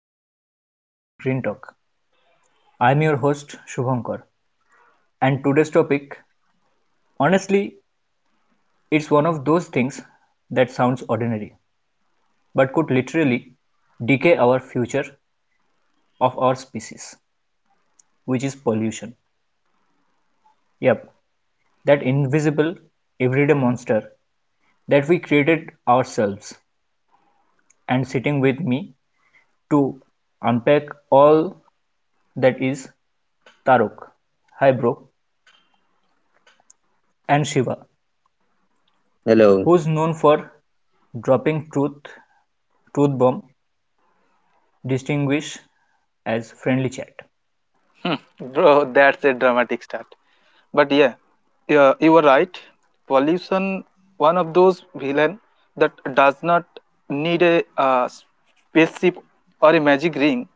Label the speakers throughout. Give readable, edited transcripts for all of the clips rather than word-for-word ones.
Speaker 1: another episode of Green Talk. I'm your host Shubhankar, and today's topic honestly, it's one of those things that sounds ordinary but could literally decay our future of our species, which is pollution. Yep, that invisible everyday monster that we created ourselves. And sitting with me to unpack all that is Tarok. Hi, bro. And Shiva,
Speaker 2: Hello.
Speaker 1: who's known for dropping truth bomb distinguish as friendly chat.
Speaker 3: Bro, that's a dramatic start. But yeah, yeah, you were right. Pollution, one of those villain that does not need a spaceship or a magic ring,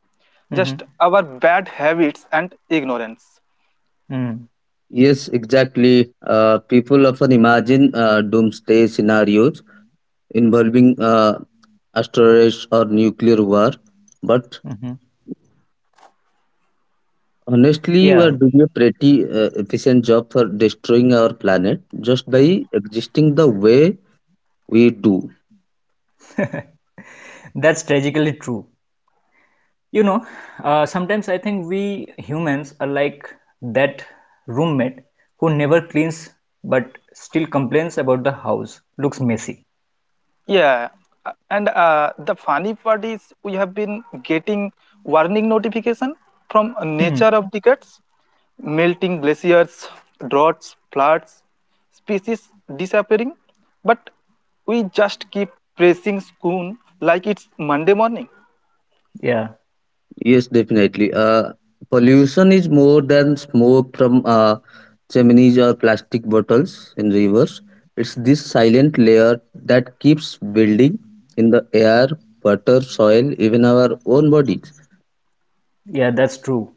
Speaker 1: Mm-hmm.
Speaker 3: just our bad habits and ignorance.
Speaker 1: Mm-hmm.
Speaker 2: Yes, exactly. People often imagine doomsday scenarios involving asteroids or nuclear war, but
Speaker 1: Mm-hmm.
Speaker 2: honestly, we are
Speaker 1: Yeah,
Speaker 2: doing a pretty efficient job for destroying our planet just by existing the way we do.
Speaker 1: that's tragically true you know sometimes I think we humans are like that roommate who never cleans but still complains about the house looks messy.
Speaker 3: Yeah, and the funny part is we have been getting warning notification from
Speaker 1: Hmm.
Speaker 3: nature of decades, melting glaciers, droughts, floods, species disappearing, but we just keep pressing spoon like it's Monday morning.
Speaker 1: Yeah,
Speaker 2: Yes, definitely. Pollution is more than smoke from chimneys or plastic bottles in rivers. It's this silent layer that keeps building in the air, water, soil, even our own bodies.
Speaker 1: yeah, that's true.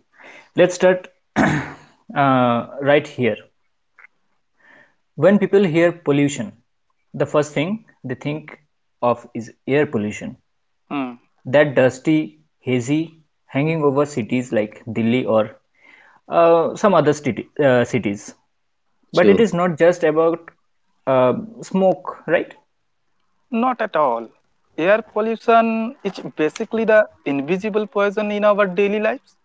Speaker 1: Let's start right here. When people hear pollution, the first thing they think of is air pollution. That dusty, hazy, hanging over cities like Delhi or some other cities. But it
Speaker 2: So,
Speaker 1: is not just about uh, smoke, right?
Speaker 3: Not at all. Air pollution is basically the invisible poison in our daily lives.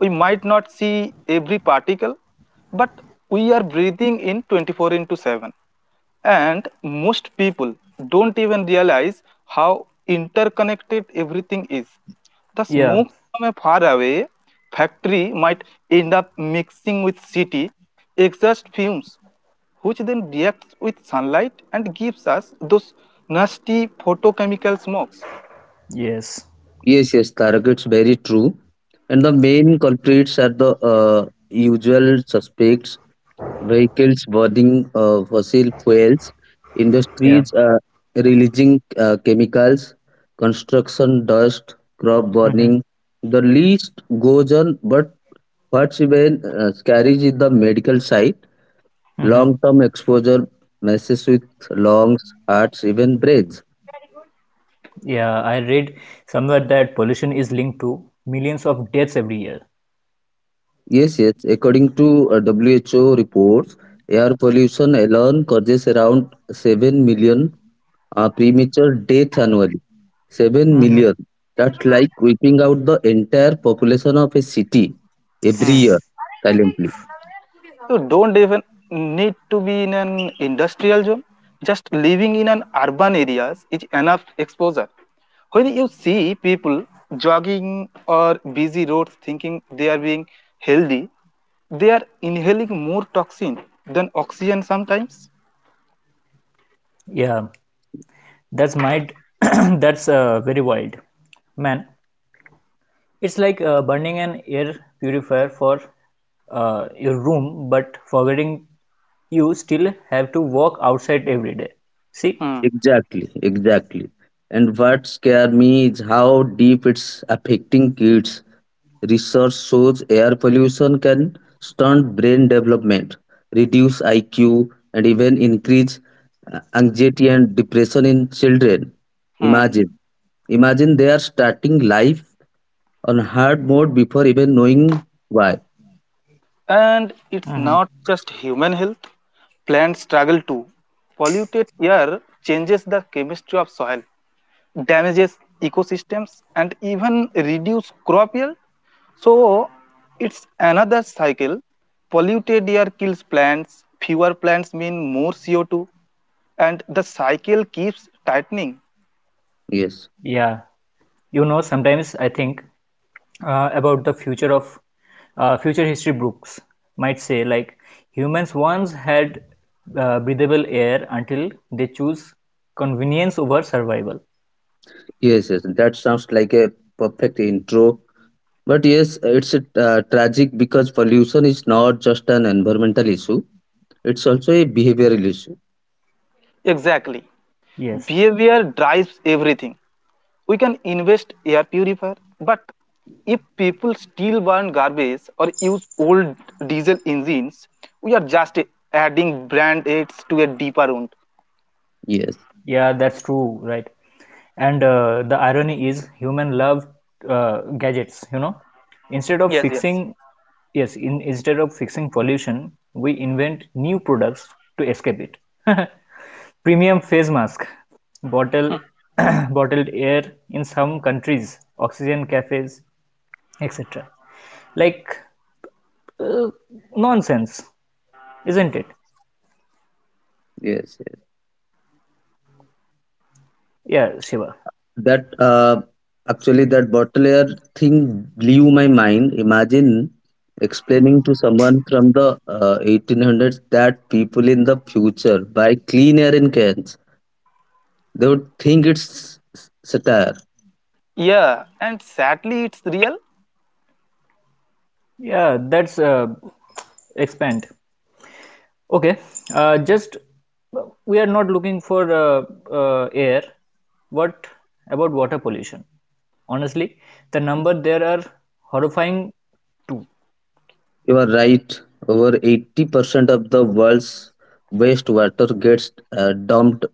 Speaker 3: We might not see every particle, but we are breathing in 24 into 7. And most people don't even realize how interconnected everything is. The
Speaker 1: Yeah.
Speaker 3: smoke from a faraway factory might end up mixing with city exhaust fumes which then reacts with sunlight and gives us those nasty photochemical smokes.
Speaker 1: Yes.
Speaker 2: yes, yes, Tarak, it's very true. And the main culprits are the usual suspects, vehicles burning fossil fuels,
Speaker 1: Yeah.
Speaker 2: industries releasing chemicals, construction dust, crop
Speaker 1: Mm-hmm.
Speaker 2: burning. The list goes on, but what's even scary is the medical side. Long
Speaker 1: Mm-hmm.
Speaker 2: term exposure messes with lungs, hearts, even brains.
Speaker 1: Yeah, I read somewhere that pollution is linked to millions of deaths every year.
Speaker 2: Yes, yes, according to WHO reports, air pollution alone causes around 7 million premature deaths annually. 7
Speaker 1: Mm-hmm.
Speaker 2: million. That's like wiping out the entire population of a city every
Speaker 3: Hmm.
Speaker 2: year silently.
Speaker 3: You don't even need to be in an industrial zone. Just living in an urban areas is enough exposure. When you see people jogging or busy roads thinking they are being healthy, they are inhaling more toxin than oxygen sometimes.
Speaker 1: Yeah. That's might. That's very wild, man. It's like burning an air purifier for your room, but forgetting you still have to walk outside every day. See?
Speaker 3: Hmm.
Speaker 2: Exactly, exactly. And what scares me is how deep it's affecting kids. Research shows air pollution can stunt brain development, reduce IQ, and even increase anxiety and depression in children.
Speaker 3: Hmm.
Speaker 2: Imagine, imagine they are starting life on hard mode before even knowing why.
Speaker 3: And it's
Speaker 1: Hmm.
Speaker 3: not just human health, plants struggle too. Polluted air changes the chemistry of soil, damages ecosystems, and even reduce crop yield. So it's another cycle. Polluted air kills plants, fewer plants mean more CO2, and the cycle keeps tightening.
Speaker 2: Yes.
Speaker 1: Yeah. Sometimes I think about the future history books might say like humans once had breathable air until they choose convenience over survival.
Speaker 2: Yes, yes, that sounds like a perfect intro. But yes, it's tragic because pollution is not just an environmental issue, it's also a behavioral issue.
Speaker 3: Exactly.
Speaker 1: Yes.
Speaker 3: Behavior drives everything. We can invest air purifier, but if people still burn garbage or use old diesel engines, we are just adding brand aids to a deeper wound.
Speaker 2: Yes,
Speaker 1: Yeah, that's true, right? And the irony is human love gadgets. Instead of
Speaker 3: Yes, yes.
Speaker 1: fixing, yes, instead of fixing pollution, we invent new products to escape it. Premium face mask, bottle, bottled air in some countries, oxygen cafes, etc. Like uh, nonsense, isn't it?
Speaker 2: yes, yes.
Speaker 1: Yeah, Shiva.
Speaker 2: That actually, that bottle air thing blew my mind. Imagine explaining to someone from the 1800s that people in the future buy clean air in cans, they would think it's satire.
Speaker 3: Yeah, and sadly, it's real.
Speaker 1: Yeah, that's expand. Okay, just we are not looking for air. What about water pollution? Honestly, the number there are horrifying too.
Speaker 2: You are right. Over 80% of the world's wastewater gets dumped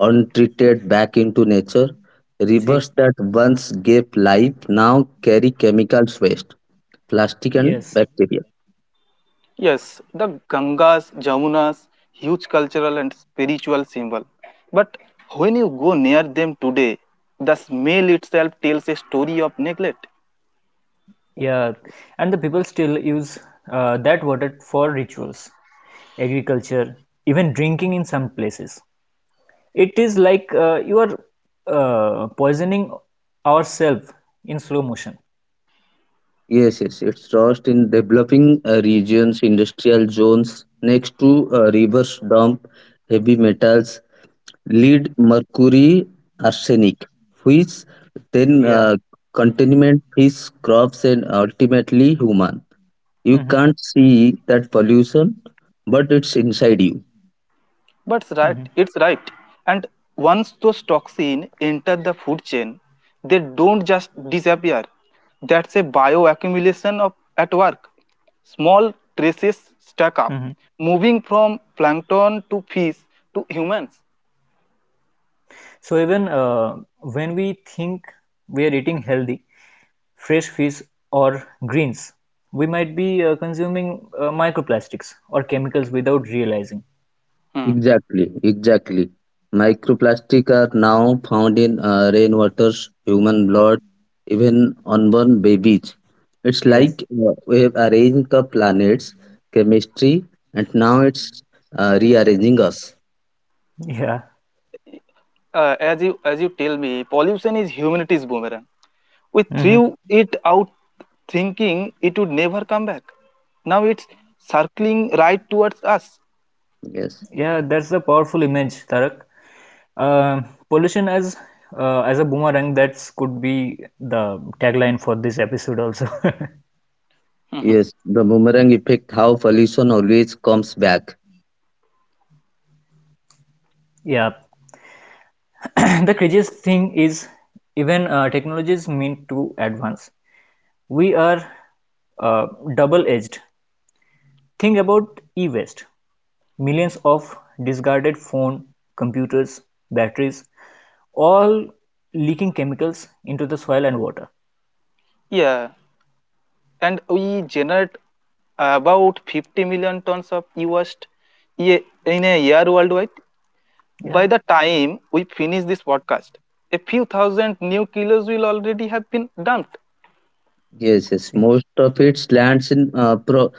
Speaker 2: untreated back into nature.
Speaker 1: See,
Speaker 2: Rivers that once gave life now carry chemicals waste, plastic, and
Speaker 1: yes,
Speaker 2: bacteria.
Speaker 3: Yes, the Gangas, Jamunas, huge cultural and spiritual symbol. But when you go near them today, the smell itself tells a story of neglect.
Speaker 1: yeah, and the people still use that water for rituals, agriculture, even drinking in some places. It is like you are poisoning ourselves in slow motion.
Speaker 2: Yes, yes, it's lost in developing regions, industrial zones, next to rivers dump heavy metals, lead, mercury, arsenic, which then
Speaker 1: Yeah.
Speaker 2: contaminate fish, crops, and ultimately human. You
Speaker 1: Mm-hmm.
Speaker 2: can't see that pollution, but it's inside you.
Speaker 3: But it's right,
Speaker 1: Mm-hmm.
Speaker 3: it's right. And once those toxins enter the food chain, they don't just disappear. That's a bioaccumulation of at work. Small traces stack up,
Speaker 1: Mm-hmm.
Speaker 3: moving from plankton to fish to humans.
Speaker 1: So even when we think we are eating healthy, fresh fish or greens, we might be consuming microplastics or chemicals without realizing.
Speaker 3: Hmm.
Speaker 2: Exactly, exactly. Microplastic are now found in rainwaters, human blood, even unborn babies. It's
Speaker 1: Yes.
Speaker 2: like we have arranged the planets chemistry, and now it's rearranging us.
Speaker 1: Yeah.
Speaker 3: As you tell me, pollution is humanity's boomerang. We
Speaker 1: Hmm.
Speaker 3: threw it out thinking it would never come back. Now it's circling right towards us.
Speaker 2: Yes.
Speaker 1: Yeah, that's a powerful image, Tarak. Uh, Pollution as a boomerang. That's could be the tagline for this episode also.
Speaker 3: Mhm.
Speaker 2: Yes, the boomerang effect, how pollution always comes back.
Speaker 1: Yeah. The craziest thing is even technologies meant to advance. We are uh, double-edged. Think about e-waste, millions of discarded phone, computers, batteries, all leaking chemicals into the soil and water.
Speaker 3: Yeah, and we generate about 50 million tons of e-waste in a year worldwide. By
Speaker 1: Yeah.
Speaker 3: the time we finish this podcast, a few thousand new kilos will already have been dumped.
Speaker 2: Yes, yes.
Speaker 1: See.
Speaker 2: Most of it lands in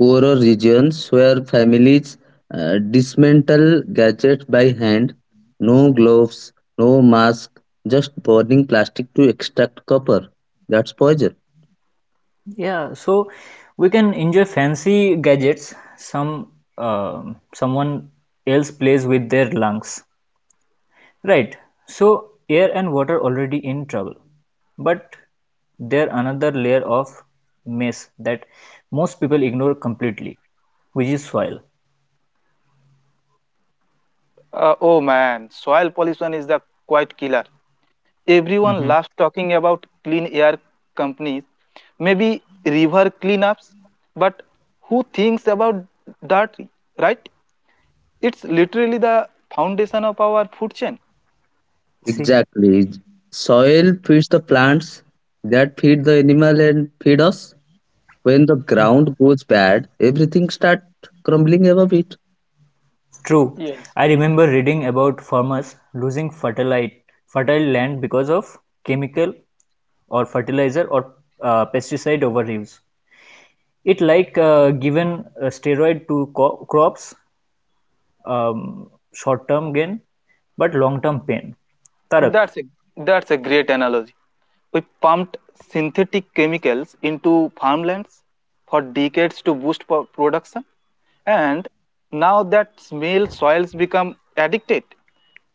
Speaker 2: poorer regions where families dismantle gadgets by hand. No gloves, no mask, just burning plastic to extract copper. That's poison.
Speaker 1: Yeah, so we can enjoy fancy gadgets, some someone else plays with their lungs. Right. So air and water already in trouble. But there another layer of mess that most people ignore completely, which is soil.
Speaker 3: Oh man, soil pollution is the quiet killer. Everyone
Speaker 1: Mm-hmm.
Speaker 3: loves talking about clean air companies, maybe river cleanups, but who thinks about that, right? It's literally the foundation of our food chain.
Speaker 1: See?
Speaker 2: Exactly. Soil feeds the plants that feed the animal and feed us. When the ground
Speaker 1: Mhm.
Speaker 2: goes bad, everything starts crumbling above it.
Speaker 1: True.
Speaker 3: Yes.
Speaker 1: I remember reading about farmers losing fertile land because of chemical or fertilizer or pesticide overuse. It like given a steroid to crops um, short-term gain but long-term pain. Tarak.
Speaker 3: That's a, that's a great analogy. We pumped synthetic chemicals into farmlands for decades to boost production, and now that small soils become addicted.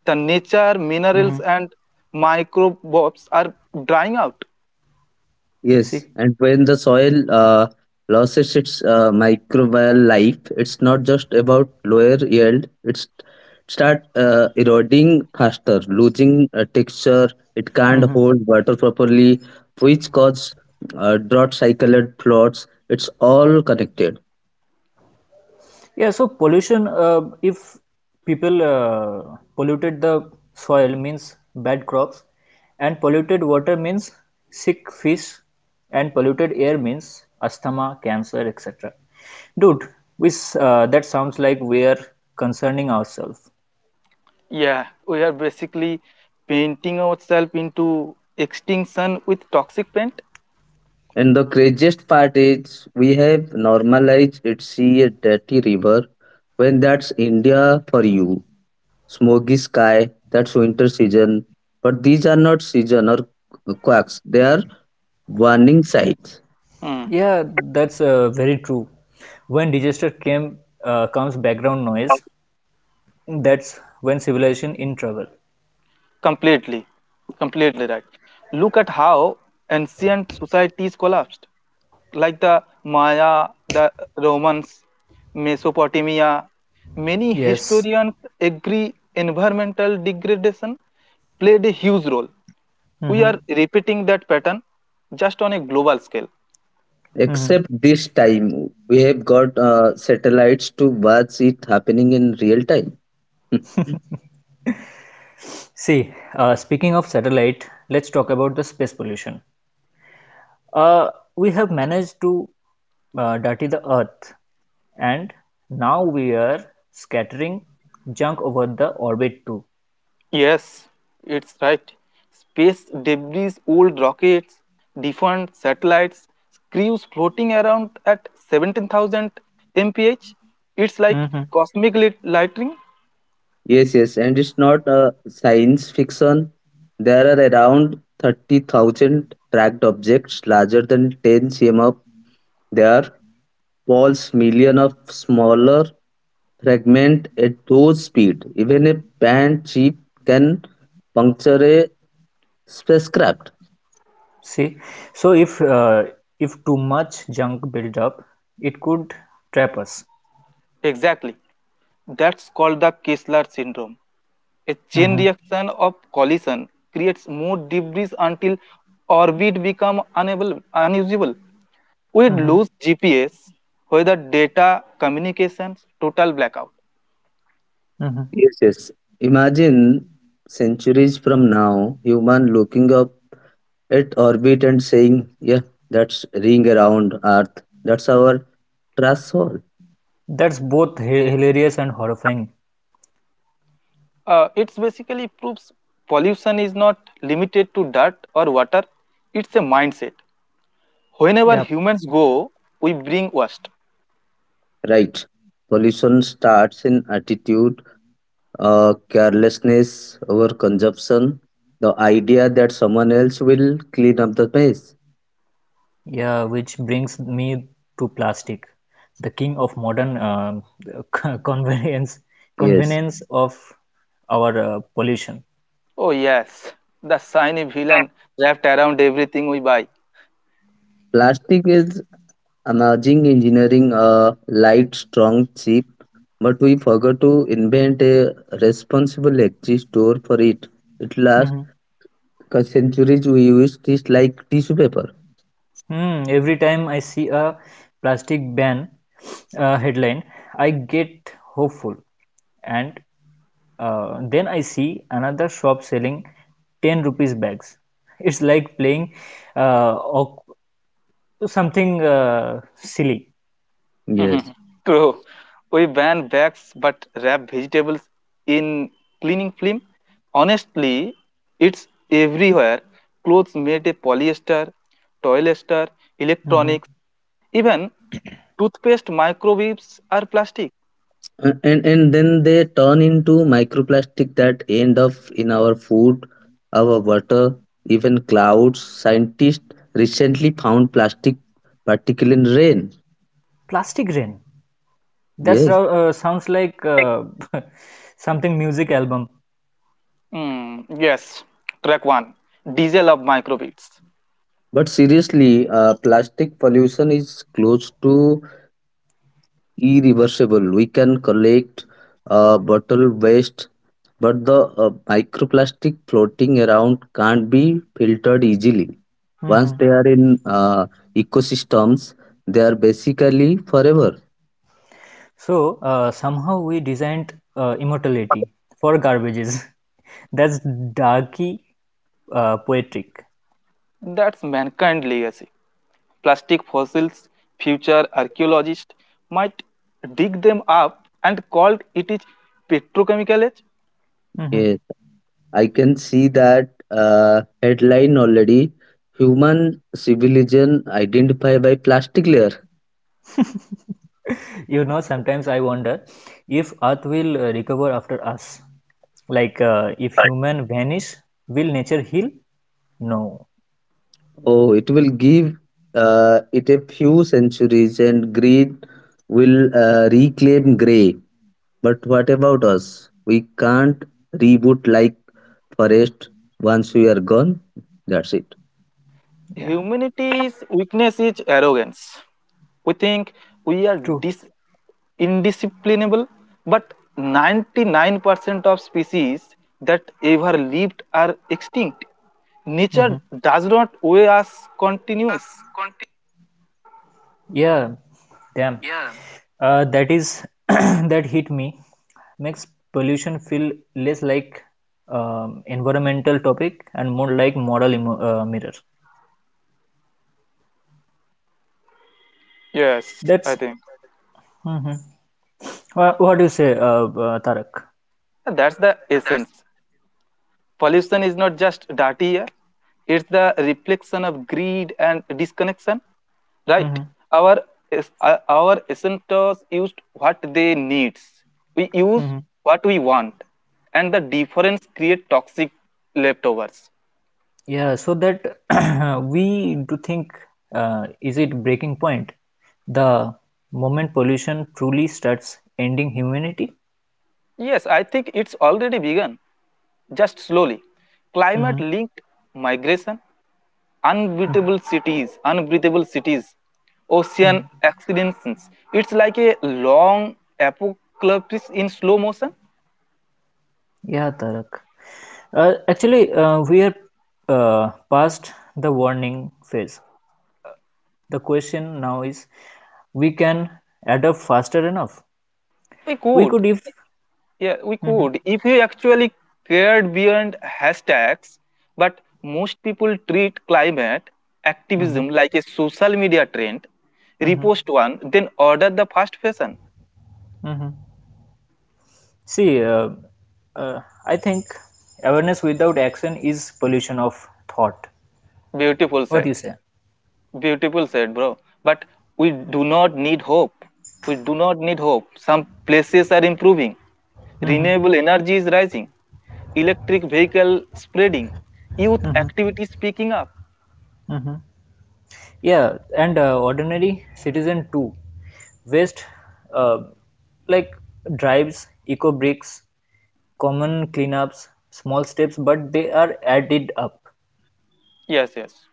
Speaker 3: The nature,
Speaker 1: Mm-hmm.
Speaker 3: minerals, and microbes are drying out.
Speaker 2: Yes,
Speaker 1: See.
Speaker 2: and when the soil loses its microbial life, it's not just about lower yield. It's start eroding faster, losing texture. It can't
Speaker 1: Mm-hmm.
Speaker 2: hold water properly, which cause drought cycle and floods. It's all connected.
Speaker 1: Yeah, so pollution, if people polluted the soil means bad crops, and polluted water means sick fish, and polluted air means asthma, cancer, etc. Dude, we, that sounds like we are concerning ourselves.
Speaker 3: Yeah, we are basically painting ourselves into extinction with toxic paint.
Speaker 2: And the craziest part is we have normalized it. See a dirty river, when that's India for you. Smoky sky. That's winter season. But these are not season or quacks. They are warning signs.
Speaker 3: Hmm.
Speaker 1: Yeah, that's very true. When comes background noise, that's when civilization in trouble.
Speaker 3: Completely, Completely right. Look at how ancient societies collapsed, like the Maya, the Romans, Mesopotamia. Many
Speaker 1: Yes.
Speaker 3: historians agree environmental degradation played a huge role. We
Speaker 1: Hmm.
Speaker 3: are repeating that pattern just on a global scale.
Speaker 1: Hmm.
Speaker 2: Except this time, we have got satellites to watch it happening in real time.
Speaker 1: See, speaking of satellite, let's talk about the space pollution. Uh, we have managed to dirty the Earth, and now we are scattering junk over the orbit too.
Speaker 3: Yes, it's right. Space debris, old rockets, defunct satellites, screws floating around at 17,000 mph. It's like
Speaker 1: Hmm.
Speaker 3: cosmic lightning.
Speaker 2: Yes, yes, and it's not science fiction. There are around 30,000 tracked objects larger than 10 cm. They are falls millions of smaller fragments at those speed. Even a bent chip can puncture a spacecraft.
Speaker 1: See, so if too much junk build up, it could trap us.
Speaker 3: Exactly. That's called the Kessler syndrome. A chain
Speaker 1: Hmm.
Speaker 3: reaction of collision creates more debris until orbit becomes unusable. We'd
Speaker 1: Hmm.
Speaker 3: lose GPS, weather data, communications, total blackout.
Speaker 1: Hmm.
Speaker 2: Yes, yes. Imagine centuries from now, human looking up at orbit and saying, "Yeah, that's ring around Earth. That's our trash hole."
Speaker 1: That's both hilarious and horrifying.
Speaker 3: It's basically proves pollution is not limited to dirt or water. It's a mindset. Whenever
Speaker 1: Yeah.
Speaker 3: humans go, we bring waste.
Speaker 2: Right. Pollution starts in attitude, carelessness, overconsumption, the idea that someone else will clean up the mess.
Speaker 1: Yeah, which brings me to plastic, the king of modern convenience
Speaker 2: Yes,
Speaker 1: convenience of our pollution.
Speaker 3: Oh yes, the shiny villain wrapped around everything we buy.
Speaker 2: plastic is amazing engineering, light, strong, cheap, but we forgot to invent a responsible exit store for it. It lasts
Speaker 1: Mhm.
Speaker 2: a centuries we use this like tissue paper.
Speaker 1: Hmm. Every time I see a plastic ban headline, I get hopeful, and then I see another shop selling 10 rupees bags. It's like playing uh, oc- something silly.
Speaker 2: Yes.
Speaker 3: True. We ban bags but wrap vegetables in cleaning film. Honestly, it's everywhere. Clothes made of polyester, toiletster,
Speaker 1: Mhm.
Speaker 3: electronics, even toothpaste microwaves are plastic.
Speaker 2: And then they turn into microplastic that end up in our food, our water, even clouds. Scientists recently found plastic particle in rain.
Speaker 1: Plastic rain. That's
Speaker 2: Yes.
Speaker 1: rou- uh, sounds like something music album.
Speaker 3: Yes, track 1 Diesel of Microbeats.
Speaker 2: But seriously, plastic pollution is close to irreversible. We can collect bottle waste, but the microplastic floating around can't be filtered easily. Once
Speaker 1: Hmm.
Speaker 2: they are in ecosystems, they are basically forever.
Speaker 1: So somehow we designed immortality for garbages. That's darky poetic.
Speaker 3: That's mankind legacy. Plastic fossils, future archaeologists might dig them up and called it is petrochemical age.
Speaker 1: Hmm.
Speaker 2: Yes, I can see that headline already. Human civilization identified by plastic layer.
Speaker 1: You know, sometimes I wonder if Earth will recover after us. Like if human vanish, will nature heal? No.
Speaker 2: Oh, it will give it a few centuries and green will reclaim grey. But what about us? We can't reboot like forest once we are gone. That's it.
Speaker 1: Yeah,
Speaker 3: Humanity's weakness is arrogance. We think we are
Speaker 1: true.
Speaker 3: indisciplinable, but 99% of species that ever lived are extinct. Nature does not owe us continuance.
Speaker 1: Yeah, damn. That is that hit me. Makes pollution feel less like environmental topic and more like moral mirror.
Speaker 3: Yes, I
Speaker 1: That's.
Speaker 3: think
Speaker 1: Hmm. What do you say, Tarak?
Speaker 3: that's the essence. Pollution is not just dirty air, it's the reflection of greed and disconnection, right?
Speaker 1: Hmm.
Speaker 3: Our our essentials used what they needs. We use
Speaker 1: Hmm.
Speaker 3: what we want, and the difference create toxic leftovers.
Speaker 1: Yeah, so that we do think is it breaking point? The moment pollution truly starts ending humanity?
Speaker 3: Yes, I think it's already begun, just slowly. Climate
Speaker 1: Hmm.
Speaker 3: linked migration unbeatable cities, unbreathable cities, ocean
Speaker 1: Hmm.
Speaker 3: accidents. It's like a long apocalypse in slow motion.
Speaker 1: Yeah, Tarak. Actually, we are past the warning phase. The question now is we can adapt faster enough.
Speaker 3: We
Speaker 1: We
Speaker 3: could,
Speaker 1: could, if.
Speaker 3: yeah, we
Speaker 1: Hmm.
Speaker 3: could if you actually cared beyond hashtags. But most people treat climate
Speaker 1: Hmm.
Speaker 3: activism like a social media trend,
Speaker 1: Hmm.
Speaker 3: repost one, then order the fast fashion.
Speaker 1: Hmm. See, uh, I think awareness without action is pollution of thought.
Speaker 3: Beautiful
Speaker 1: What
Speaker 3: set.
Speaker 1: do you say?
Speaker 3: Beautiful said, bro. But we do not need hope. We do not need hope. Some places are improving.
Speaker 1: Hmm.
Speaker 3: Renewable energy is rising. Electric vehicle spreading. Youth
Speaker 1: Hmm.
Speaker 3: activities picking up.
Speaker 1: Hmm. Yeah, and ordinary citizen too. Waste uh, like drives, eco bricks, common cleanups, small steps, but they are added up.
Speaker 3: Yes, yes.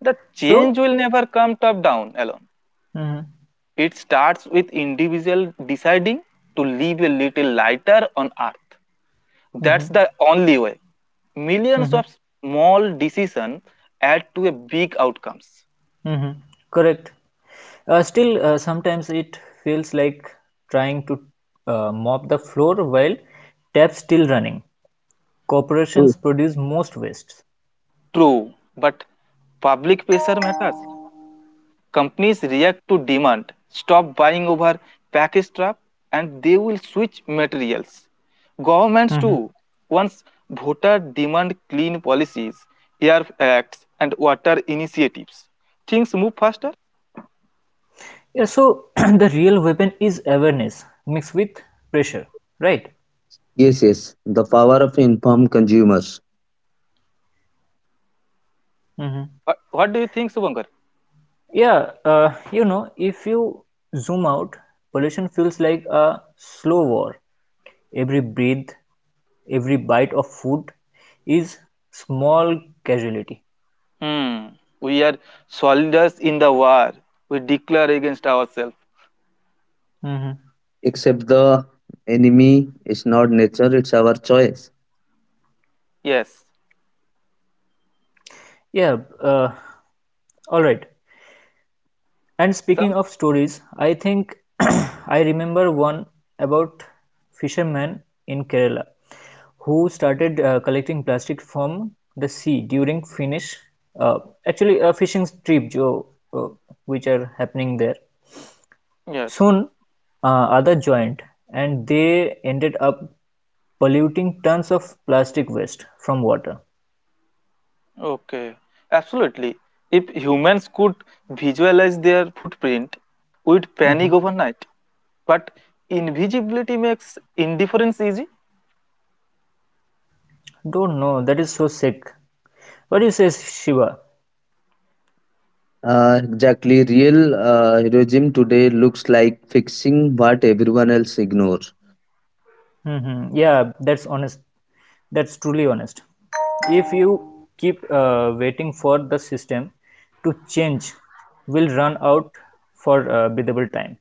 Speaker 3: The
Speaker 1: So,
Speaker 3: change will never come top down alone.
Speaker 1: hmm.
Speaker 3: It starts with individual deciding to live a little lighter on earth. That's
Speaker 1: Hmm.
Speaker 3: the only way. Millions
Speaker 1: Hmm.
Speaker 3: of small decisions add to a big outcomes.
Speaker 1: Hmm. Correct. Still, sometimes it feels like trying to mop the floor while taps still running.
Speaker 2: Oh,
Speaker 1: Corporations produce most wastes.
Speaker 3: True, but public pressure matters. Companies react to demand, stop buying over package trap, and they will switch materials. Governments
Speaker 1: Hmm.
Speaker 3: too. Once voter demand clean policies, air acts, and water initiatives, things move faster.
Speaker 1: Yeah, so the real weapon is awareness mixed with pressure, right?
Speaker 2: yes, yes. The power of informed consumers.
Speaker 1: Hmm.
Speaker 3: What do you think, Subankar?
Speaker 1: Yeah, if you zoom out, pollution feels like a slow war. Every breath, every bite of food is small casualty.
Speaker 3: Hmm. We are soldiers in the war. We declare against ourselves.
Speaker 1: Mm-hmm.
Speaker 2: Except the enemy is not nature, it's our choice.
Speaker 3: Yes.
Speaker 1: Yeah, all right. And speaking
Speaker 3: Some.
Speaker 1: of stories, I think I remember one about fishermen in Kerala who started collecting plastic from the sea during Finnish, uh, actually a fishing trip, Joe, uh, which are happening there.
Speaker 3: Yes.
Speaker 1: Soon, others joined, and they ended up polluting tons of plastic waste from water.
Speaker 3: Okay, absolutely. If humans could visualize their footprint, we'd panic
Speaker 1: Hmm.
Speaker 3: overnight. But invisibility makes indifference easy.
Speaker 1: Don't know. That is so sick. What do you say, Shiva? Hmm. Yeah, that's honest. That's truly honest. If you keep waiting for the system to change, will run out for a breathable time.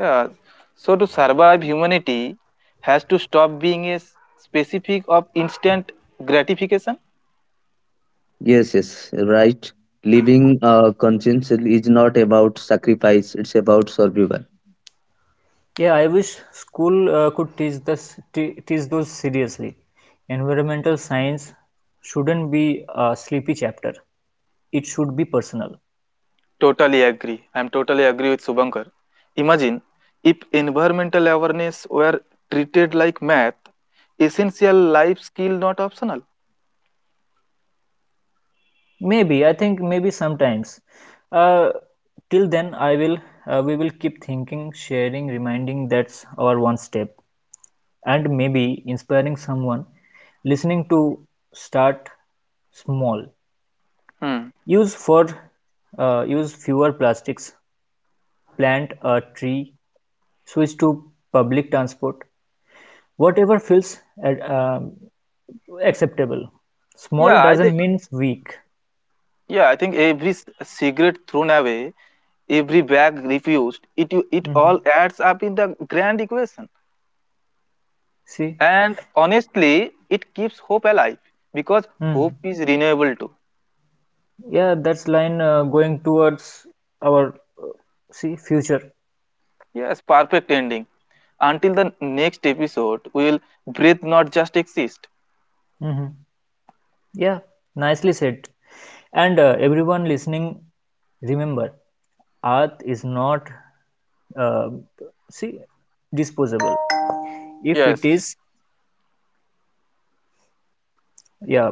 Speaker 3: Yeah. So to survive, humanity has to stop being a specific of instant gratification.
Speaker 1: Yeah, I wish school could teach this, teach those seriously. Environmental science shouldn't be a sleepy chapter. It should be personal.
Speaker 3: Totally agree. I'm totally agree with Subankar. Imagine if environmental awareness were treated like math, essential life skill, not optional.
Speaker 1: Maybe I think maybe sometimes. Uh, Till then, I will we will keep thinking, sharing, reminding that's our one step, and maybe inspiring someone listening to start small.
Speaker 3: Hmm.
Speaker 1: Use for Use fewer plastics. Plant a tree, switch to public transport, whatever feels ad- um, acceptable. Small
Speaker 3: Yeah, I think.
Speaker 1: doesn't mean weak.
Speaker 3: Yeah, I think every cigarette thrown away, every bag refused, it
Speaker 1: Hmm.
Speaker 3: all adds up in the grand equation.
Speaker 1: See.
Speaker 3: And honestly, it keeps hope alive because
Speaker 1: Hmm.
Speaker 3: hope is renewable too.
Speaker 1: Yeah, that's line going towards our uh, see future.
Speaker 3: Yes, perfect ending. Until the next episode, we will breathe, not just exist.
Speaker 1: Hmm. Yeah, nicely said. And everyone listening, remember earth is not uh, see disposable. If it
Speaker 3: Yes.
Speaker 1: is, yeah,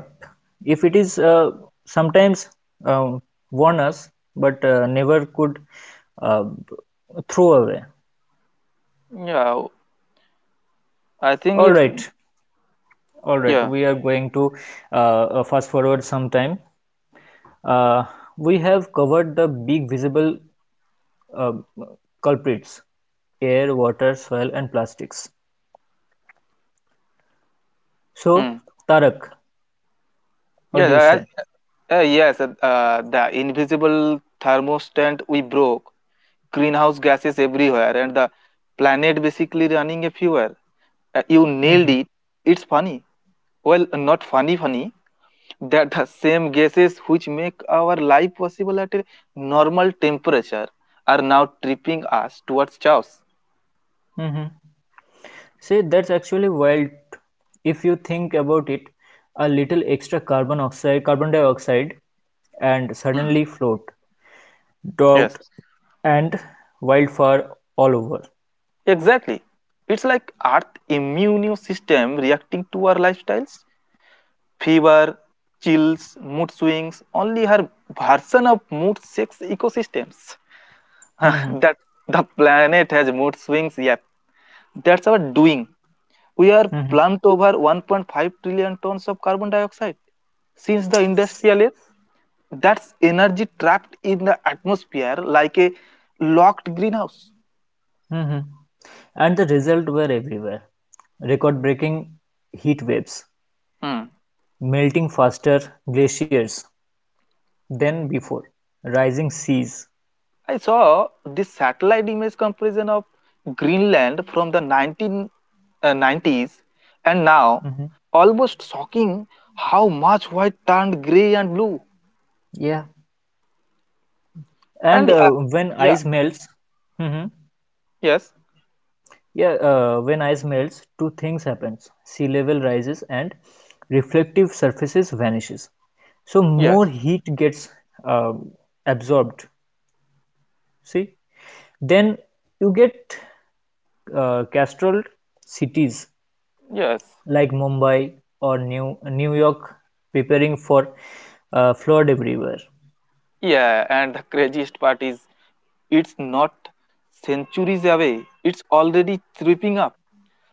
Speaker 1: if it is sometimes uh, warn us, but never could uh, throw away.
Speaker 3: Yeah, I think
Speaker 1: All
Speaker 3: it's
Speaker 1: right, all right,
Speaker 3: yeah.
Speaker 1: we are going to fast forward some time. uh, we have covered the big visible uh, culprits, air, water, soil and plastics.
Speaker 3: Hmm.
Speaker 1: So, Tarak, what
Speaker 3: Yes,
Speaker 1: do you say?
Speaker 3: the invisible thermostat we broke, greenhouse gases everywhere, and the planet basically running a fever. You nailed
Speaker 1: Mm-hmm.
Speaker 3: it. It's funny. Well, not funny, funny. That the same gases which make our life possible at a normal temperature are now tripping us towards chaos.
Speaker 1: Mm-hmm. See, that's actually wild if you think about it. A little extra carbon dioxide, and
Speaker 3: Hmm.
Speaker 1: suddenly float, drought,
Speaker 3: Yes,
Speaker 1: and wildfire all over.
Speaker 3: exactly. It's like Earth immune system reacting to our lifestyles. Fever, chills, mood swings, only her version of mood six ecosystems.
Speaker 1: Hmm.
Speaker 3: That the planet has mood swings, yep. That's our doing. We are
Speaker 1: Hmm.
Speaker 3: plumped over 1.5 trillion tons of carbon dioxide since the industrial age. That's energy trapped in the atmosphere like a locked greenhouse.
Speaker 1: Hmm. And the result were everywhere. Record-breaking heat waves,
Speaker 3: Hmm.
Speaker 1: melting faster glaciers than before, rising seas.
Speaker 3: I saw this satellite image comparison of Greenland from the 1990s and now
Speaker 1: Hmm.
Speaker 3: almost shocking how much white turned gray and blue.
Speaker 1: Yeah. And
Speaker 3: And
Speaker 1: when
Speaker 3: yeah,
Speaker 1: ice melts, Hmm.
Speaker 3: yes,
Speaker 1: Yeah, when ice melts, two things happens. Sea level rises and reflective surfaces vanishes. So more
Speaker 3: yes,
Speaker 1: heat gets um, absorbed. See, then you get castrol cities
Speaker 3: yes,
Speaker 1: like Mumbai or New York preparing for flood everywhere.
Speaker 3: yeah. And the craziest part is it's not centuries away, it's already tripping up.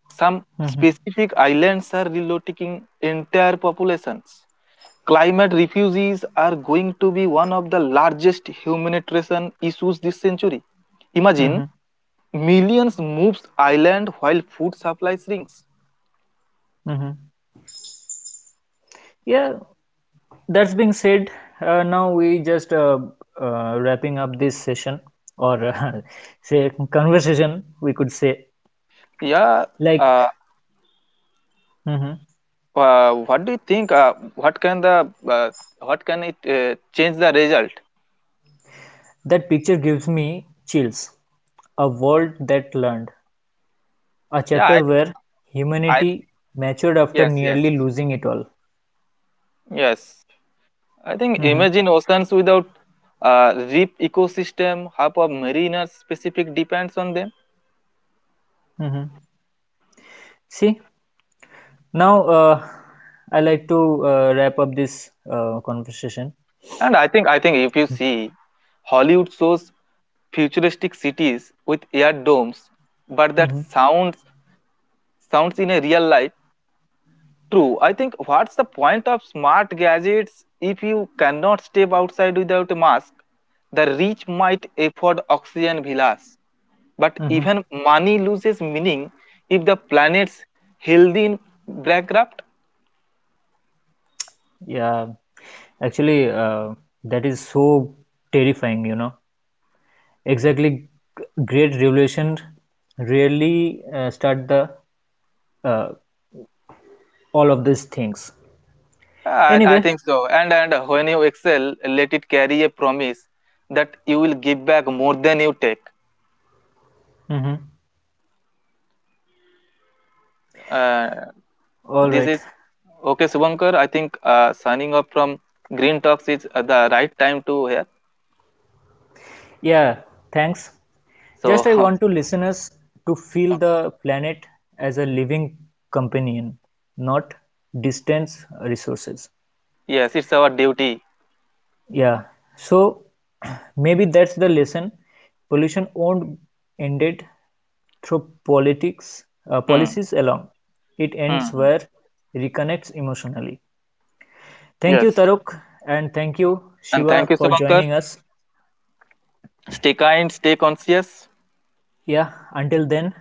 Speaker 3: Some
Speaker 1: Hmm.
Speaker 3: specific islands are relocating entire populations. Climate refugees are going to be one of the largest humanitarian issues this century. Imagine
Speaker 1: Hmm.
Speaker 3: millions moves island while food supply shrinks.
Speaker 1: Hmm. Yeah. That's being said, now we just wrapping up this session or say conversation, we could say.
Speaker 3: Yeah, uh,
Speaker 1: Like, mhm.
Speaker 3: what do you think? Uh, what can it change the result?
Speaker 1: That picture gives me chills. A world that learned. A
Speaker 3: Yeah,
Speaker 1: chapter where
Speaker 3: I
Speaker 1: humanity matured after
Speaker 3: yes yes
Speaker 1: nearly losing it all.
Speaker 3: yes. I think
Speaker 1: Mhm.
Speaker 3: imagine oceans without reef ecosystem. Half of mariners specific depends on them.
Speaker 1: Mhm. See, now I like to wrap up this conversation.
Speaker 3: And I think if you see Hollywood shows futuristic cities with air domes, but that
Speaker 1: Mhm.
Speaker 3: sounds in a real life true. I think what's the point of smart gadgets if you cannot step outside without a mask? The rich might afford oxygen villas, but
Speaker 1: Mhm.
Speaker 3: even money loses meaning if the planet's healthy in bankrupt.
Speaker 1: Yeah. Actually, that is so terrifying. Exactly, great revelation really start the uh, all of these things.
Speaker 3: Uh, I
Speaker 1: Anyway,
Speaker 3: think so. And when you excel, let it carry a promise that you will give back more than you take.
Speaker 1: mhm,
Speaker 3: Uh,
Speaker 1: all
Speaker 3: this
Speaker 1: right.
Speaker 3: is okay, Subankar. I think signing up from Green Talks is the right time to here.
Speaker 1: Yeah, thanks.
Speaker 3: So
Speaker 1: Just I want to listeners to feel the planet as a living companion, not distance resources.
Speaker 3: yes, it's our duty.
Speaker 1: Yeah. So maybe that's the lesson. Pollution won't end it through politics
Speaker 3: Hmm.
Speaker 1: policies alone. It
Speaker 3: Hmm.
Speaker 1: ends
Speaker 3: Hmm.
Speaker 1: where reconnects emotionally. Thank you,
Speaker 3: Yes.
Speaker 1: Taruk, and thank you,
Speaker 3: And thank
Speaker 1: Shiva,
Speaker 3: you,
Speaker 1: for
Speaker 3: Subankar.
Speaker 1: joining us.
Speaker 3: Stay kind, stay conscious.
Speaker 1: Yeah, until then,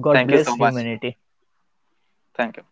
Speaker 1: God
Speaker 3: Thank you
Speaker 1: bless
Speaker 3: so much.
Speaker 1: humanity.
Speaker 3: Thank you.